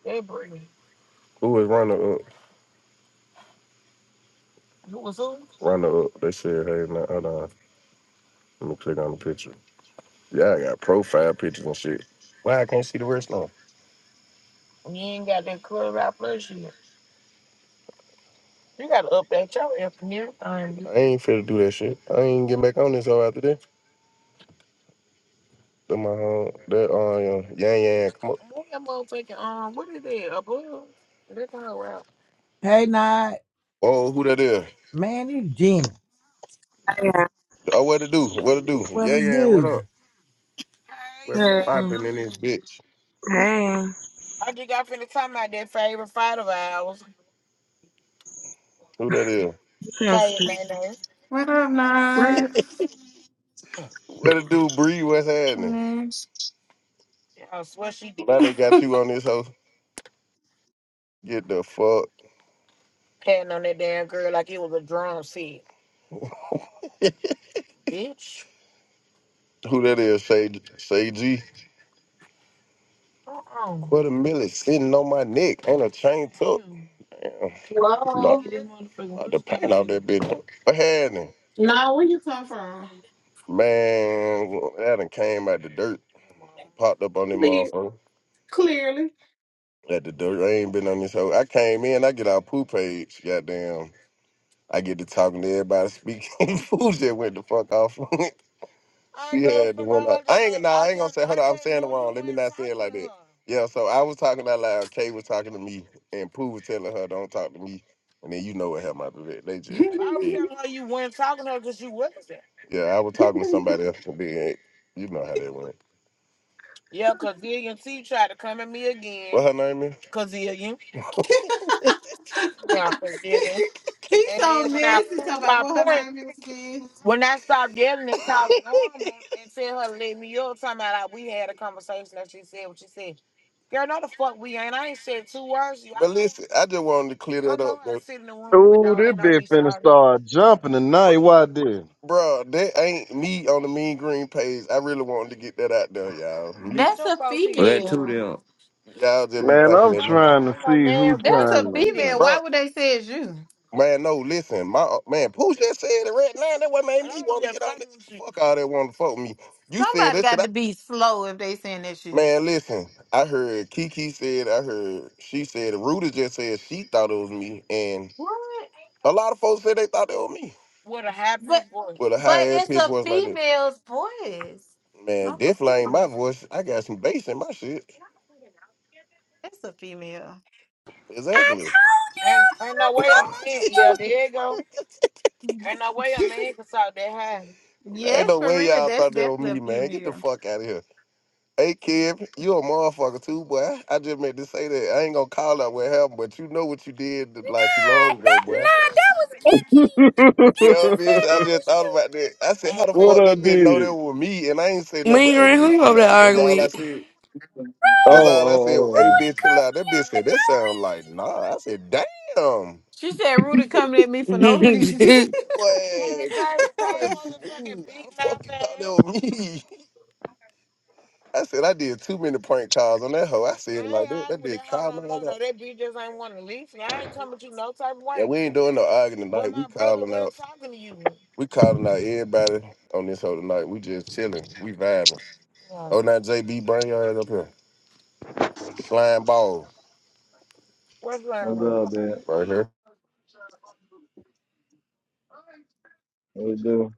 [SPEAKER 6] Hey, Brittany. Who is runner up? You was who? Runner up. They said, hey, nah, hold on. Let me click on the picture. Yeah, I got profile pictures and shit. Why I can't see the rest now? You ain't got that club out plus you. You gotta update your effing and everything. I ain't finna do that shit. I ain't getting back on this hoe after this. That my home. That uh, yang yang. Come up. Move that motherfucking um, what is that? A bug? That's how out.
[SPEAKER 12] Hey, night
[SPEAKER 6] Oh, who that is?
[SPEAKER 12] man, you genie.
[SPEAKER 13] Yeah.
[SPEAKER 6] Oh, what to do? What to do?
[SPEAKER 12] What
[SPEAKER 6] Yeah,
[SPEAKER 12] it
[SPEAKER 6] yeah. What
[SPEAKER 12] do?
[SPEAKER 6] up? What's
[SPEAKER 13] Hey.
[SPEAKER 6] popping in this bitch?
[SPEAKER 13] Hey.
[SPEAKER 6] I just got finna talking about that favorite fight of ours. Who that is?
[SPEAKER 13] Feels
[SPEAKER 6] Kay
[SPEAKER 13] good.
[SPEAKER 6] and Nene.
[SPEAKER 14] What
[SPEAKER 13] What?
[SPEAKER 14] about
[SPEAKER 6] What to do, Bree? What's happening?
[SPEAKER 14] next?
[SPEAKER 6] I swear she did. Now they got you on this hoe. Get the fuck. Patting on that damn girl like it was a drum set. Bitch. Who that is? Say, say G. Uh-uh. What a millet sitting on my neck. and a chain tuck. Ew. Not
[SPEAKER 15] Hello.
[SPEAKER 6] uh, the paint out that bitch. What had him?
[SPEAKER 15] Now, where you come from?
[SPEAKER 6] Man, that done came out the dirt, popped up on them
[SPEAKER 15] Clear.
[SPEAKER 6] motherfucker.
[SPEAKER 15] Clearly.
[SPEAKER 6] At the dirt, I ain't been on this hoe. I came in, I get our poo page, goddamn. I get to talking to everybody, speaking. Fools just went the fuck off. She had the one. I ain't going Nah, I ain't gonna say. Hold on, I'm saying it wrong. Let me not say it like that. Yeah. So I was talking out loud. Kay was talking to me, and Pooh was telling her, "Don't talk to me." And then you know what happened after that. They
[SPEAKER 15] He's
[SPEAKER 6] just. I was yeah. telling her you weren't talking to her because you wasn't there. Yeah, I was talking to somebody else, and then you know how that went. Yeah, cause Dillian T tried to come at me again. What her name is? Cazillion. Yeah, Cazillion. and
[SPEAKER 15] so
[SPEAKER 6] then when I
[SPEAKER 15] messy. talking
[SPEAKER 6] proved
[SPEAKER 15] about
[SPEAKER 6] my
[SPEAKER 15] what her
[SPEAKER 6] point.
[SPEAKER 15] name is again.
[SPEAKER 6] When I stopped yelling and talking normal and tell her to let me up, talking about like, we had a conversation that she said what she said. Girl, no the fuck we ain't. I ain't said two words. You. I But listen, I just wanted to clear I that know up, i to though. sit in the room and
[SPEAKER 4] Ooh,
[SPEAKER 6] don't
[SPEAKER 4] this
[SPEAKER 6] let no
[SPEAKER 4] bitch
[SPEAKER 6] be
[SPEAKER 4] finna
[SPEAKER 6] shot.
[SPEAKER 4] start jumping tonight. Why this?
[SPEAKER 6] Bro, that ain't me on the Mean Green page. I really wanted to get that out there, y'all. Me, Bitch,
[SPEAKER 15] That's
[SPEAKER 6] them
[SPEAKER 15] a
[SPEAKER 6] folks hear you.
[SPEAKER 7] Let two
[SPEAKER 15] female.
[SPEAKER 7] them.
[SPEAKER 6] y'all just be We
[SPEAKER 4] Man,
[SPEAKER 6] thinking
[SPEAKER 4] I'm
[SPEAKER 6] that know me.
[SPEAKER 4] trying
[SPEAKER 6] yo
[SPEAKER 4] to
[SPEAKER 6] ain't no
[SPEAKER 4] see who
[SPEAKER 6] man
[SPEAKER 15] That's
[SPEAKER 6] boy's
[SPEAKER 15] a
[SPEAKER 4] trying
[SPEAKER 6] gonna
[SPEAKER 4] to.
[SPEAKER 6] do that.
[SPEAKER 15] female.
[SPEAKER 4] Man.
[SPEAKER 6] Bro,
[SPEAKER 15] Why would they say it's you?
[SPEAKER 6] Man, no, listen, my uh, man, Pooh just said it right now. That what made me want to get on this. Fuck all that want to fuck me. You said
[SPEAKER 15] Somebody
[SPEAKER 6] that shit.
[SPEAKER 15] got
[SPEAKER 6] I,
[SPEAKER 15] to be slow if they saying it's you.
[SPEAKER 6] man, listen, I heard Kiki said, I heard she said, Rudy just said she thought it was me, and
[SPEAKER 15] What?
[SPEAKER 6] a lot of folks said they thought it was me. With a high
[SPEAKER 15] But
[SPEAKER 6] pitched voice. With a
[SPEAKER 15] but
[SPEAKER 6] high ass
[SPEAKER 15] it's
[SPEAKER 6] pitched
[SPEAKER 15] a
[SPEAKER 6] voice like that,
[SPEAKER 15] female's voice.
[SPEAKER 6] man,
[SPEAKER 15] I'm
[SPEAKER 6] definitely ain't my
[SPEAKER 15] confused.
[SPEAKER 6] voice. I got some bass in my shit.
[SPEAKER 15] It's a female.
[SPEAKER 9] I
[SPEAKER 6] Exactly.
[SPEAKER 9] told
[SPEAKER 6] And
[SPEAKER 9] them.
[SPEAKER 6] and
[SPEAKER 9] I
[SPEAKER 6] no, wait
[SPEAKER 9] told
[SPEAKER 6] a minute, yeah,
[SPEAKER 9] them.
[SPEAKER 6] there you, go. Ain't no way a man can talk that high. Ain't
[SPEAKER 15] Yes,
[SPEAKER 6] no
[SPEAKER 15] for
[SPEAKER 6] way
[SPEAKER 15] real.
[SPEAKER 6] y'all
[SPEAKER 15] That's
[SPEAKER 6] thought that was
[SPEAKER 15] definitely a
[SPEAKER 6] me, man. Get the
[SPEAKER 15] female.
[SPEAKER 6] fuck out of here. Hey, Kev, you a motherfucker too, boy. I just meant to say that. I ain't gonna call out what happened, but you know what you did like too
[SPEAKER 9] Nah,
[SPEAKER 6] long ago,
[SPEAKER 9] that,
[SPEAKER 6] boy.
[SPEAKER 9] nah, that was Kiki. Kiki
[SPEAKER 6] Yo, bitch,
[SPEAKER 9] said
[SPEAKER 6] I
[SPEAKER 9] that
[SPEAKER 6] just
[SPEAKER 9] was
[SPEAKER 6] thought
[SPEAKER 9] you.
[SPEAKER 6] about that. I said, how the
[SPEAKER 4] what
[SPEAKER 6] fuck
[SPEAKER 4] I
[SPEAKER 6] this bitch know that
[SPEAKER 4] did?
[SPEAKER 6] was me? And I ain't say nothing but,
[SPEAKER 3] Me and
[SPEAKER 6] hey,
[SPEAKER 3] Green, who
[SPEAKER 6] bitch,
[SPEAKER 3] you
[SPEAKER 6] chill
[SPEAKER 3] over there
[SPEAKER 6] out. That's all I
[SPEAKER 3] arguing
[SPEAKER 6] said. That's
[SPEAKER 9] Rudy,
[SPEAKER 4] Oh, oh,
[SPEAKER 6] all I said.
[SPEAKER 4] oh,
[SPEAKER 6] Hey,
[SPEAKER 4] oh.
[SPEAKER 9] Rudy
[SPEAKER 6] bitch, chill
[SPEAKER 9] cussed
[SPEAKER 6] out.
[SPEAKER 9] me
[SPEAKER 6] That bitch
[SPEAKER 9] out for
[SPEAKER 6] said, that
[SPEAKER 9] no
[SPEAKER 6] sound like,
[SPEAKER 9] reason.
[SPEAKER 6] nah. I said, damn.
[SPEAKER 15] She said Rudy coming at me for no reason.
[SPEAKER 3] with?
[SPEAKER 6] That boy, Hey, that Tay, Tay, boy smooth. How the fuck you thought that was me? I said I did too many prank calls on that hoe. I said it like that. That arguing with no me like that. No, that bitch just ain't want to leave. And I ain't coming to you no type of Yeah, way. we ain't doing no arguing But tonight. We my brother calling wasn't out. talking to you. We calling out everybody on this hoe tonight. We just chilling. We vibing. Yeah. Oh, now JB, bring your head up here. Flying ball What's wrong
[SPEAKER 16] What's
[SPEAKER 6] with it?
[SPEAKER 16] up, man?
[SPEAKER 6] right here.
[SPEAKER 16] What do?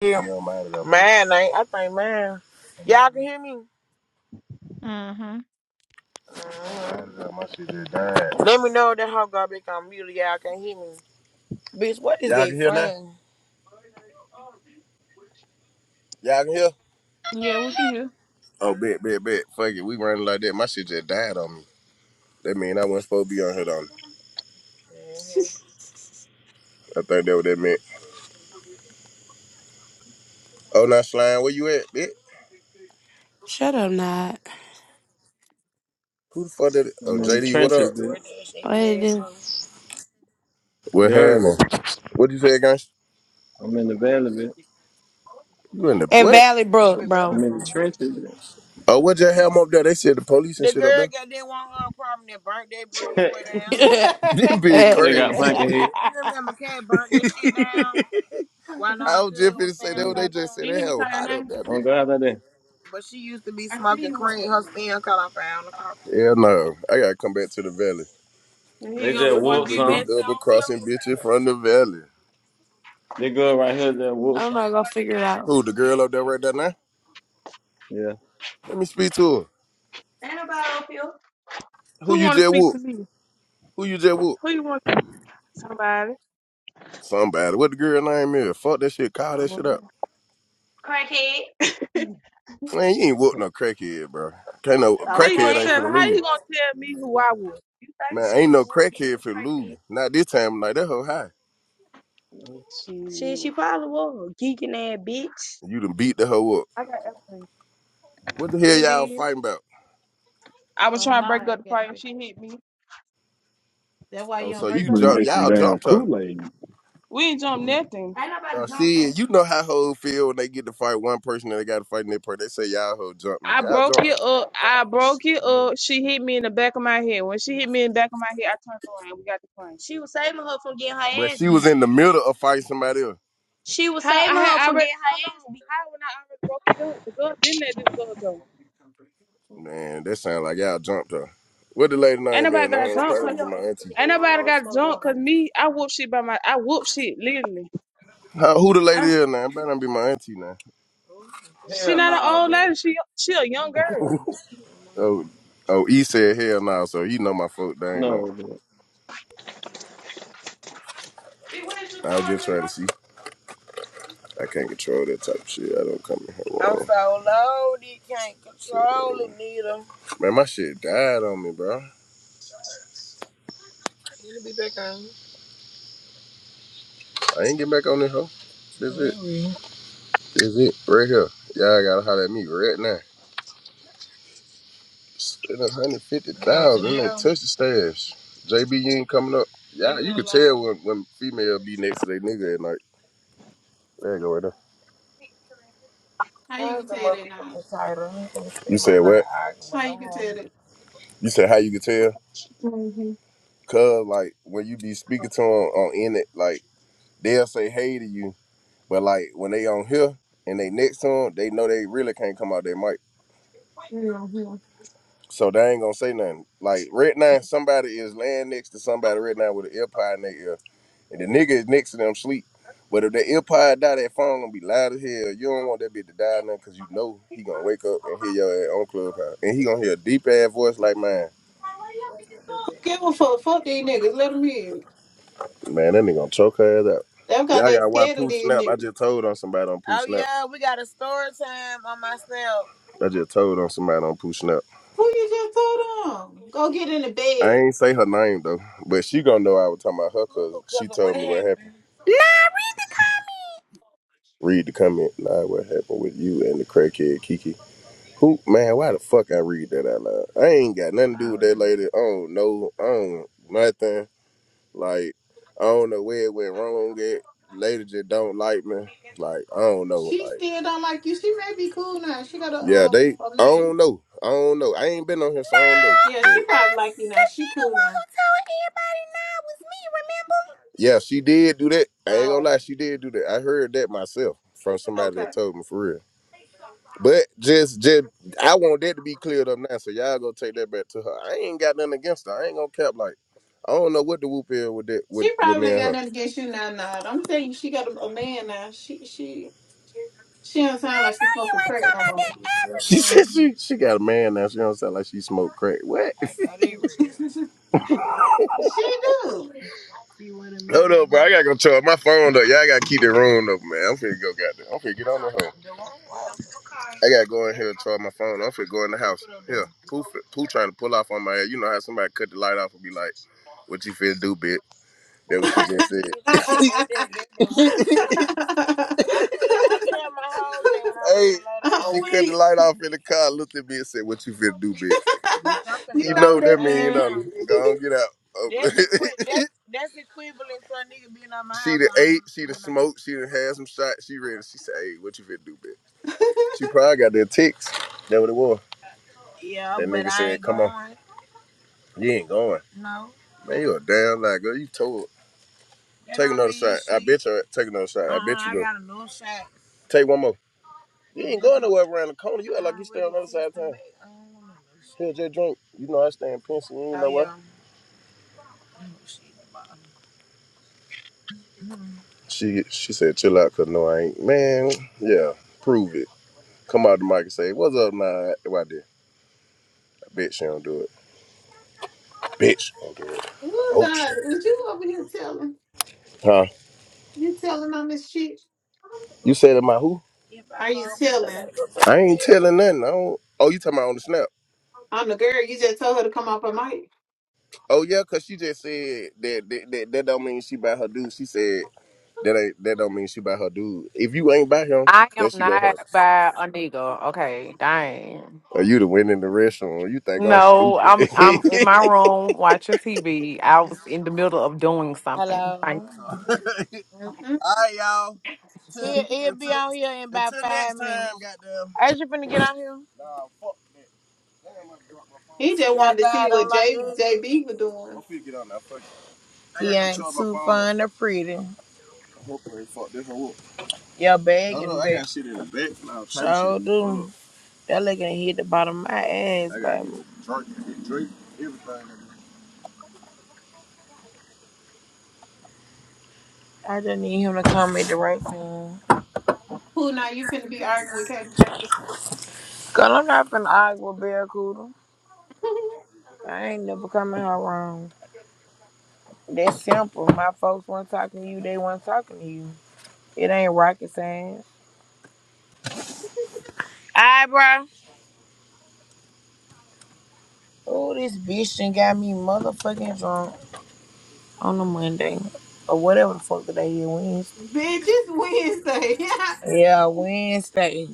[SPEAKER 1] Yeah. You don't mind it up. Man, I, ain't- I think man. Y'all can hear me. Mind
[SPEAKER 15] mm-hmm.
[SPEAKER 1] it up, my shit just died. Let me know if that hoe got back on mute. Y'all can hear me. Bitch, what is that Y'all can can hear now? saying? Y'all can hear. me.
[SPEAKER 15] Yeah, we can hear.
[SPEAKER 1] Oh, bet, bet, bet. Fuck it. We running like that. That that My shit just died on On. mean I wasn't supposed to be on here, on. I think that what that meant. Oh, now slime, where you at, bitch?
[SPEAKER 3] Shut up, not.
[SPEAKER 1] Who the fuck did it? Oh,
[SPEAKER 16] I'm in the
[SPEAKER 1] JD, what up?
[SPEAKER 16] trenches, bit.
[SPEAKER 1] DoorDash
[SPEAKER 3] What
[SPEAKER 1] ain't
[SPEAKER 3] did
[SPEAKER 1] married
[SPEAKER 3] it
[SPEAKER 1] to
[SPEAKER 3] do?
[SPEAKER 1] me. What
[SPEAKER 16] You heard?
[SPEAKER 1] happened? What you say, guys?
[SPEAKER 16] I'm in the valley, bit.
[SPEAKER 1] You in the
[SPEAKER 3] And
[SPEAKER 1] what?
[SPEAKER 3] Valley
[SPEAKER 1] That
[SPEAKER 3] Brook,
[SPEAKER 1] bitch hurt.
[SPEAKER 16] I'm
[SPEAKER 3] bro.
[SPEAKER 16] in the trenches,
[SPEAKER 1] Oh, what just happened up there? They said the police and The shit up there. The girl got that one little problem that burnt that breeze
[SPEAKER 16] bit.
[SPEAKER 1] way down.
[SPEAKER 3] I'm
[SPEAKER 1] This bitch
[SPEAKER 16] they got
[SPEAKER 1] crazy.
[SPEAKER 16] planking here.
[SPEAKER 1] You remember Cat burnt that shit down Why not? I was just Good finna say
[SPEAKER 16] Can
[SPEAKER 1] that. What they
[SPEAKER 16] you
[SPEAKER 1] just
[SPEAKER 16] hear
[SPEAKER 1] said they
[SPEAKER 16] me
[SPEAKER 1] hell
[SPEAKER 16] call your
[SPEAKER 1] hot up
[SPEAKER 16] name?
[SPEAKER 1] that
[SPEAKER 16] On
[SPEAKER 1] bitch.
[SPEAKER 16] God, I did.
[SPEAKER 1] But she used to be
[SPEAKER 16] I see
[SPEAKER 1] smoking
[SPEAKER 16] you walk up.
[SPEAKER 1] cream. Her
[SPEAKER 16] to
[SPEAKER 1] skin color found the car. Hell no, I gotta come back to the valley.
[SPEAKER 16] me. They You just
[SPEAKER 1] Working
[SPEAKER 16] whoop
[SPEAKER 1] with
[SPEAKER 16] some.
[SPEAKER 1] them double crossing bitches from the valley.
[SPEAKER 16] They good right here. They whoop some.
[SPEAKER 3] not gonna figure it out.
[SPEAKER 1] Who, the girl up there right there now?
[SPEAKER 16] Yeah.
[SPEAKER 1] Let me speak to her.
[SPEAKER 16] Anybody up here?
[SPEAKER 1] Who
[SPEAKER 16] Who
[SPEAKER 1] you
[SPEAKER 16] want to
[SPEAKER 1] just
[SPEAKER 16] speak
[SPEAKER 1] whoop?
[SPEAKER 16] to me?
[SPEAKER 1] Who you just whoop?
[SPEAKER 16] Who you want? Somebody.
[SPEAKER 1] Somebody. What the girl name is? Fuck that shit.
[SPEAKER 16] I
[SPEAKER 1] Call that shit
[SPEAKER 16] don't
[SPEAKER 1] up.
[SPEAKER 16] know. Crackhead.
[SPEAKER 1] Man, you ain't whoop no crackhead, bro. Can't no
[SPEAKER 16] How you gonna
[SPEAKER 1] crackhead
[SPEAKER 16] Okay.
[SPEAKER 1] ain't
[SPEAKER 16] tell?
[SPEAKER 1] finna
[SPEAKER 16] How
[SPEAKER 1] lose.
[SPEAKER 16] you gonna tell me who I was? You think
[SPEAKER 1] Man, ain't
[SPEAKER 16] she
[SPEAKER 1] no
[SPEAKER 16] would be the
[SPEAKER 1] crackhead finna
[SPEAKER 16] crackhead?
[SPEAKER 1] lose. Not this time. Like that hoe high.
[SPEAKER 16] Shit, she probably was a geeking ass bitch.
[SPEAKER 1] You done beat the hoe up.
[SPEAKER 16] I got everything.
[SPEAKER 1] What the hell
[SPEAKER 16] And
[SPEAKER 1] y'all
[SPEAKER 16] then
[SPEAKER 1] fighting about?
[SPEAKER 16] I was
[SPEAKER 15] oh,
[SPEAKER 16] trying to
[SPEAKER 15] nah,
[SPEAKER 16] break
[SPEAKER 15] I
[SPEAKER 16] up the
[SPEAKER 15] can't
[SPEAKER 16] fight and
[SPEAKER 15] be.
[SPEAKER 16] she hit me.
[SPEAKER 15] That's why
[SPEAKER 1] Oh,
[SPEAKER 15] you don't
[SPEAKER 1] so
[SPEAKER 4] You
[SPEAKER 15] break
[SPEAKER 1] you
[SPEAKER 15] up
[SPEAKER 4] gonna
[SPEAKER 15] no
[SPEAKER 1] jumped?
[SPEAKER 4] make some
[SPEAKER 1] Y'all
[SPEAKER 15] fight.
[SPEAKER 4] damn
[SPEAKER 1] jumped her.
[SPEAKER 4] Kool Aid.
[SPEAKER 16] We ain't jump nothing. Ain't
[SPEAKER 1] Uh,
[SPEAKER 16] nobody jump
[SPEAKER 1] see,
[SPEAKER 16] her.
[SPEAKER 1] you know how hoes feel when they get to fight one person and they got to fight in their part. They say y'all hoe jumped me.
[SPEAKER 16] I
[SPEAKER 1] Y'all
[SPEAKER 16] broke
[SPEAKER 1] jumped
[SPEAKER 16] it
[SPEAKER 1] her.
[SPEAKER 16] up. I broke it up. She hit me in the back of my head. When she hit me in the back of my head, I turned around. We got the plane. She was saving her from getting
[SPEAKER 1] But
[SPEAKER 16] her ass
[SPEAKER 1] she was
[SPEAKER 16] beat.
[SPEAKER 1] in the middle of fighting somebody else.
[SPEAKER 16] She was How saving I her had from already getting hold her hold ass on. beat. How when I already broke it up, the girl didn't let this girl go.
[SPEAKER 1] Man, that sound like y'all jumped her. What the lady
[SPEAKER 16] Ain't
[SPEAKER 1] name is?
[SPEAKER 16] nobody
[SPEAKER 1] No,
[SPEAKER 16] got
[SPEAKER 1] it
[SPEAKER 16] jumped
[SPEAKER 1] probably
[SPEAKER 16] cause
[SPEAKER 1] be my auntie.
[SPEAKER 16] ain't nobody got jumped cause me. I whoop shit by my. I whoop shit literally.
[SPEAKER 1] How, who the lady is now? It better not be my auntie now.
[SPEAKER 16] She Hell not an no, old lady. She she a young girl.
[SPEAKER 1] Oh, oh, E said hell no, so he know my folk. They ain't know.
[SPEAKER 16] No,
[SPEAKER 1] I was just trying to see. I can't control that type of shit. I don't come in here. I'm wrong. so low, you can't control it, neither. Man, my shit died on me, bro. You need to be back on. I ain't get back on this hoe. That's it. Is it right here? Y'all gotta holler at me right now. Spend a hundred fifty thousand. Ain't touch the stash. JB, you ain't coming up. Yeah, you can tell when when female be next to their nigga at night. There you go right there.
[SPEAKER 15] How you
[SPEAKER 1] Sorry,
[SPEAKER 15] can
[SPEAKER 1] the
[SPEAKER 15] tell that now?
[SPEAKER 1] motherfucking title. You said what?
[SPEAKER 15] How you can tell that?
[SPEAKER 1] You said how you could tell?
[SPEAKER 15] hmm
[SPEAKER 1] Cause like when you be speaking to them on in it, like they'll say hey to you, but like when they on here and they next to them, they know they really can't come out their mic.
[SPEAKER 15] hmm
[SPEAKER 1] So they ain't gonna say nothing. Like right now, somebody is laying next to somebody right now with an earpod in their ear, and the nigga is next to them sleep. But if the earpod die, that phone gonna be loud as hell. You don't want that bitch to die now, cause you know he gonna wake up and hear your ass on clubhouse, and he gonna hear a deep ass voice like mine.
[SPEAKER 15] Give a fuck. Fuck these niggas. Let them in.
[SPEAKER 1] Man, that nigga gonna choke her ass up.
[SPEAKER 15] Them got
[SPEAKER 1] Y'all
[SPEAKER 15] they
[SPEAKER 1] got why
[SPEAKER 15] scared of
[SPEAKER 1] Pooh
[SPEAKER 15] these
[SPEAKER 1] Snap. I just
[SPEAKER 15] niggas.
[SPEAKER 1] told on somebody on Pooh Oh Snap. yeah, we got a story time on my snap. I just told on somebody on Pooh Snap.
[SPEAKER 15] Who you just told them? Go get in the
[SPEAKER 1] I
[SPEAKER 15] bed.
[SPEAKER 1] ain't say her name though, but she gonna know I was talking about her because she told me what happened.
[SPEAKER 9] Nah, read the comments.
[SPEAKER 1] Read the comment line what happened with you and the crackhead Kiki. Who man? Why the fuck I read that out loud? I ain't got nothing to do with that lady. I don't know. I don't nothing. Like I don't know where it went wrong. At lady just don't like me. Like I don't know.
[SPEAKER 15] She
[SPEAKER 1] Like
[SPEAKER 15] still don't like you. She may be cool now. She got a
[SPEAKER 1] yeah,
[SPEAKER 15] um
[SPEAKER 1] they.
[SPEAKER 15] a
[SPEAKER 1] I don't
[SPEAKER 15] lens.
[SPEAKER 1] know. I don't know. I ain't been on here, so
[SPEAKER 9] No,
[SPEAKER 1] I don't know.
[SPEAKER 15] Yeah, she
[SPEAKER 1] But
[SPEAKER 9] uh-uh.
[SPEAKER 15] probably like you now.
[SPEAKER 9] Cause she
[SPEAKER 15] She
[SPEAKER 9] the
[SPEAKER 15] cool
[SPEAKER 9] one
[SPEAKER 15] now.
[SPEAKER 9] who told everybody now was me, remember?
[SPEAKER 1] yeah, she did do that. I ain't gonna
[SPEAKER 15] Oh,
[SPEAKER 1] lie, she did do that. I heard that myself from somebody
[SPEAKER 15] okay.
[SPEAKER 1] that told me for real. But just, just I want that to be cleared up now. So y'all go take that back to her. I ain't got nothing against her. I ain't gonna cap like I don't know what the whoop is with that with,
[SPEAKER 15] She
[SPEAKER 1] with
[SPEAKER 15] probably
[SPEAKER 1] me
[SPEAKER 15] ain't
[SPEAKER 1] and
[SPEAKER 15] got
[SPEAKER 1] her.
[SPEAKER 15] nothing against you now. Nah, I'm telling you, she got a, a man now. She she she don't
[SPEAKER 9] I
[SPEAKER 15] sound like she
[SPEAKER 9] know you
[SPEAKER 15] smoking
[SPEAKER 9] ain't
[SPEAKER 15] crack
[SPEAKER 9] talking
[SPEAKER 15] no
[SPEAKER 9] about
[SPEAKER 15] more.
[SPEAKER 9] that
[SPEAKER 1] She
[SPEAKER 9] African.
[SPEAKER 1] said she she got a man now. She don't sound like she smoked crack. What?
[SPEAKER 15] she do.
[SPEAKER 1] Hold up, bro. I gotta go charge my phone up. Y'all gotta keep the room up, man. I'm finna go goddamn. I'm finna get on that home. I gotta go in here and charge my phone. I'm finna go in the house. Yeah, poof, poo trying to pull off on my head. You know how somebody cut the light off and be like, "What you finna do, bitch?" That what she just said. I said, I said my whole day when I was hey, low down. she
[SPEAKER 15] I'm
[SPEAKER 1] cut
[SPEAKER 15] weak.
[SPEAKER 1] the light off in the car, looked at me and said, "What you finna do, bitch? You something,
[SPEAKER 15] you
[SPEAKER 1] you
[SPEAKER 15] know
[SPEAKER 1] know
[SPEAKER 15] what
[SPEAKER 1] what that
[SPEAKER 15] that
[SPEAKER 1] mean? You
[SPEAKER 15] means.
[SPEAKER 1] know, go on, get out." Oh. That's, equi- that's, that's equivalent to a nigga being on my she the ate, she the smoked, she done had some shots. She ready. She said, "Hey, what you finna do, bitch?" She probably got that ticks. That what it was. Yeah, That but nigga I said, ain't "Come on, going. you ain't going." No, Man, you a damn lie, girl. You told. Take another shot. I bet you. Take another shot. I bet you do. I got another shot. Take one more. You ain't going nowhere around the corner. You act like you stay on the other side of town. Here, just drink. You know I stay in Pennsylvania. You ain't know what? She she said, chill out, cause no, I ain't. Man, yeah, prove it. Come out the mic and say, what's up, nah? Why did? I bet she don't do it. Bitch, she don't do it.
[SPEAKER 15] Ooh,
[SPEAKER 1] Oh
[SPEAKER 15] nah,
[SPEAKER 1] shit.
[SPEAKER 15] was you over here telling?
[SPEAKER 1] Huh?
[SPEAKER 15] You telling on this shit?
[SPEAKER 1] You said am I who?
[SPEAKER 15] Are you telling?
[SPEAKER 1] I ain't telling nothing. I don't. Oh, you talking about on the snap?
[SPEAKER 15] I'm the girl. You just told her to come off her mic.
[SPEAKER 1] Oh yeah, cause she just said that that, that, that don't mean she by her dude. She said that ain't that don't mean she by her dude. If you ain't by him,
[SPEAKER 17] I am
[SPEAKER 1] then she go her.
[SPEAKER 17] not by a nigga. Okay, dang.
[SPEAKER 1] Are you the win in the restaurant. You think I'm
[SPEAKER 17] No,
[SPEAKER 1] stupid?
[SPEAKER 17] I'm I'm in my room watching TV. I was in the middle of doing something. Thank
[SPEAKER 1] Hello. All
[SPEAKER 15] Mm-mm.
[SPEAKER 1] right, y'all. Till,
[SPEAKER 17] you.
[SPEAKER 1] He'll, he'll be until on here in about until five next minutes. time, goddamn. Are you finna get on here? Nah, fuck that. Damn, I dropped my phone.
[SPEAKER 15] He just
[SPEAKER 1] See how
[SPEAKER 15] wanted to see
[SPEAKER 1] God don't
[SPEAKER 15] what
[SPEAKER 1] like
[SPEAKER 15] J
[SPEAKER 1] ugly.
[SPEAKER 15] JB was
[SPEAKER 1] I'm
[SPEAKER 15] doing.
[SPEAKER 1] finna get on that fuck. it. I He gotta ain't control my too phone. fun or pretty. I hope I ain't fuck this one up. Your bag Hold in the on, I got shit in the back and So do. on. That Leg done hit the bottom of my ass, I got baby. drink, drink, everything. I just need him to come at the right time.
[SPEAKER 15] Who now you finna be arguing with Katie?
[SPEAKER 1] Cause I'm not finna argue with Barracuda. I ain't never coming her wrong. That's simple. My folks weren't talking to you, they weren't talking to you. It ain't rocket science. Alright, bro. Oh, this bitch done got me motherfucking drunk on a Monday. Or whatever the fuck the day is, Wednesday.
[SPEAKER 15] Bitch, it's Wednesday.
[SPEAKER 1] Yeah, Wednesday.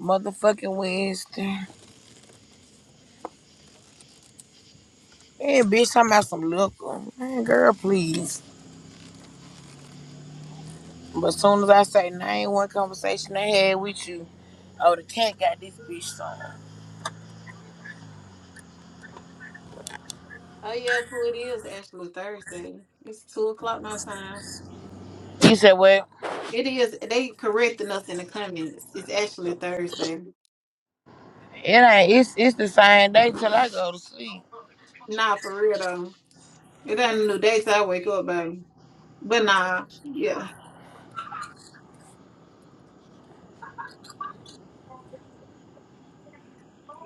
[SPEAKER 1] motherfucking Wednesday. Hey, bitch, talking about some liquor. Man, girl, please. But as soon as I say, nah, ain't one conversation I had with you. Oh, the cat got this bitch song.
[SPEAKER 15] oh yeah, Pooh, it is actually Thursday. It's two o'clock my time.
[SPEAKER 1] He said, well,
[SPEAKER 15] It is. They correcting us in the comments. It's actually Thursday.
[SPEAKER 1] it ain't. It's it's the same day till I go to sleep.
[SPEAKER 15] Nah, for real though. It ain't a new day, so I wake up, baby. But nah, yeah.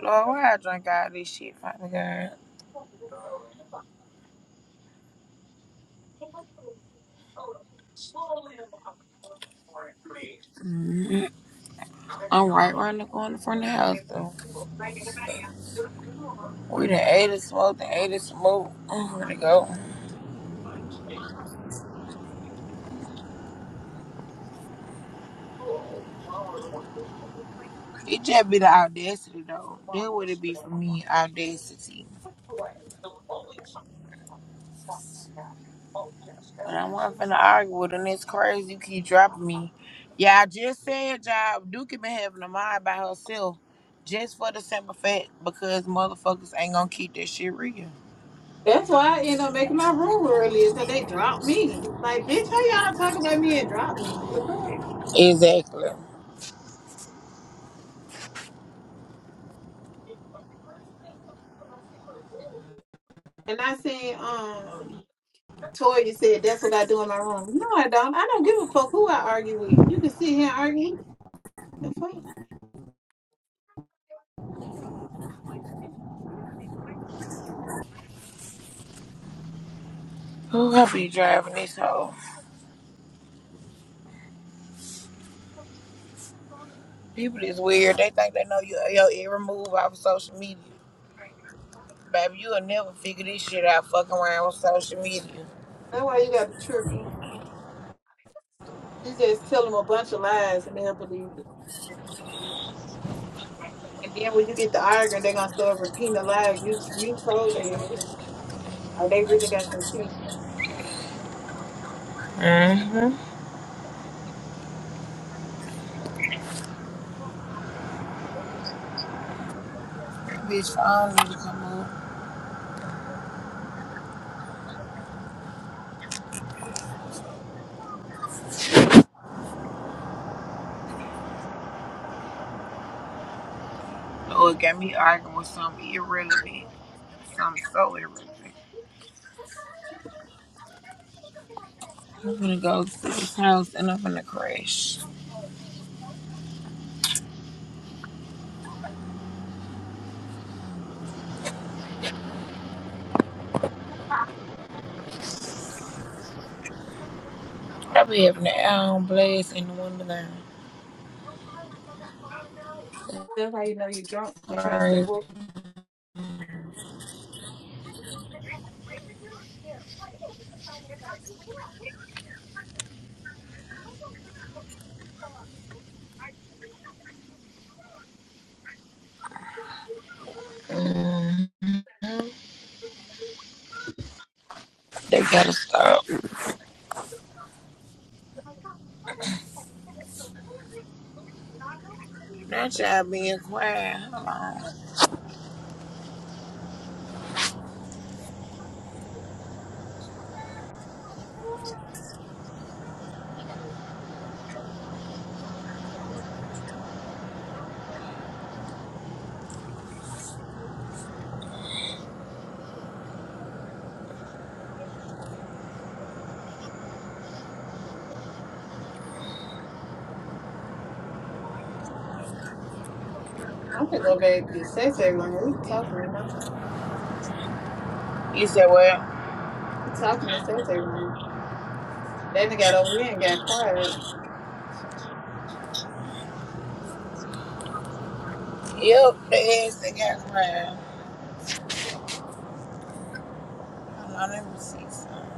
[SPEAKER 1] Lord, why I drink all this shit, Father God? Mm-hmm. I'm right around the corner from the house, though. We done ate and smoked and ate and smoked. I'm ready to go. It just be the audacity, though. That would it be for me, audacity. But I wasn't finna argue with her, and it's crazy you keep dropping me. Yeah, I just said, job. Dookie been having a mind by herself just for the simple fact because motherfuckers ain't gonna keep that shit real.
[SPEAKER 15] That's why I end up making my room earlier, because they dropped me. Like, bitch, how y'all talk about me and drop me? The fuck?
[SPEAKER 1] Exactly.
[SPEAKER 15] And I seen, um, Toya said, that's what I do in my room. No, I don't. I don't give a fuck who I argue with. You can sit here and argue. The fuck?
[SPEAKER 1] Who I be driving this hoe? People is weird. They think they know you, your every move off of social media. Baby, you'll never figure this shit out fucking around with social media.
[SPEAKER 15] That's why you got the tricking. You just tell them a bunch of lies and they'll believe it. And then when you get to arguing, they're gonna start repeating the lie you you told them. Or they really got some teeth.
[SPEAKER 1] Mm-hmm. Bitch, phone need to come up. Oh, it got me arguing with something irrelevant. Something so irrelevant. I'm gonna go to this house and I'm gonna crash. Probably having an hour blast in the window down.
[SPEAKER 15] That's how you know you drunk. You're trying to stay
[SPEAKER 1] Alright.
[SPEAKER 15] woke.
[SPEAKER 1] hmm They gotta stop. Not y'all being quiet. Hold on.
[SPEAKER 15] I'm gonna go back to Sensei room. We talking to him.
[SPEAKER 1] You said, well,
[SPEAKER 15] We talking to Sensei room. Then they got over here and got quiet.
[SPEAKER 1] yep, the ass they got quiet. Hold on, let me see something.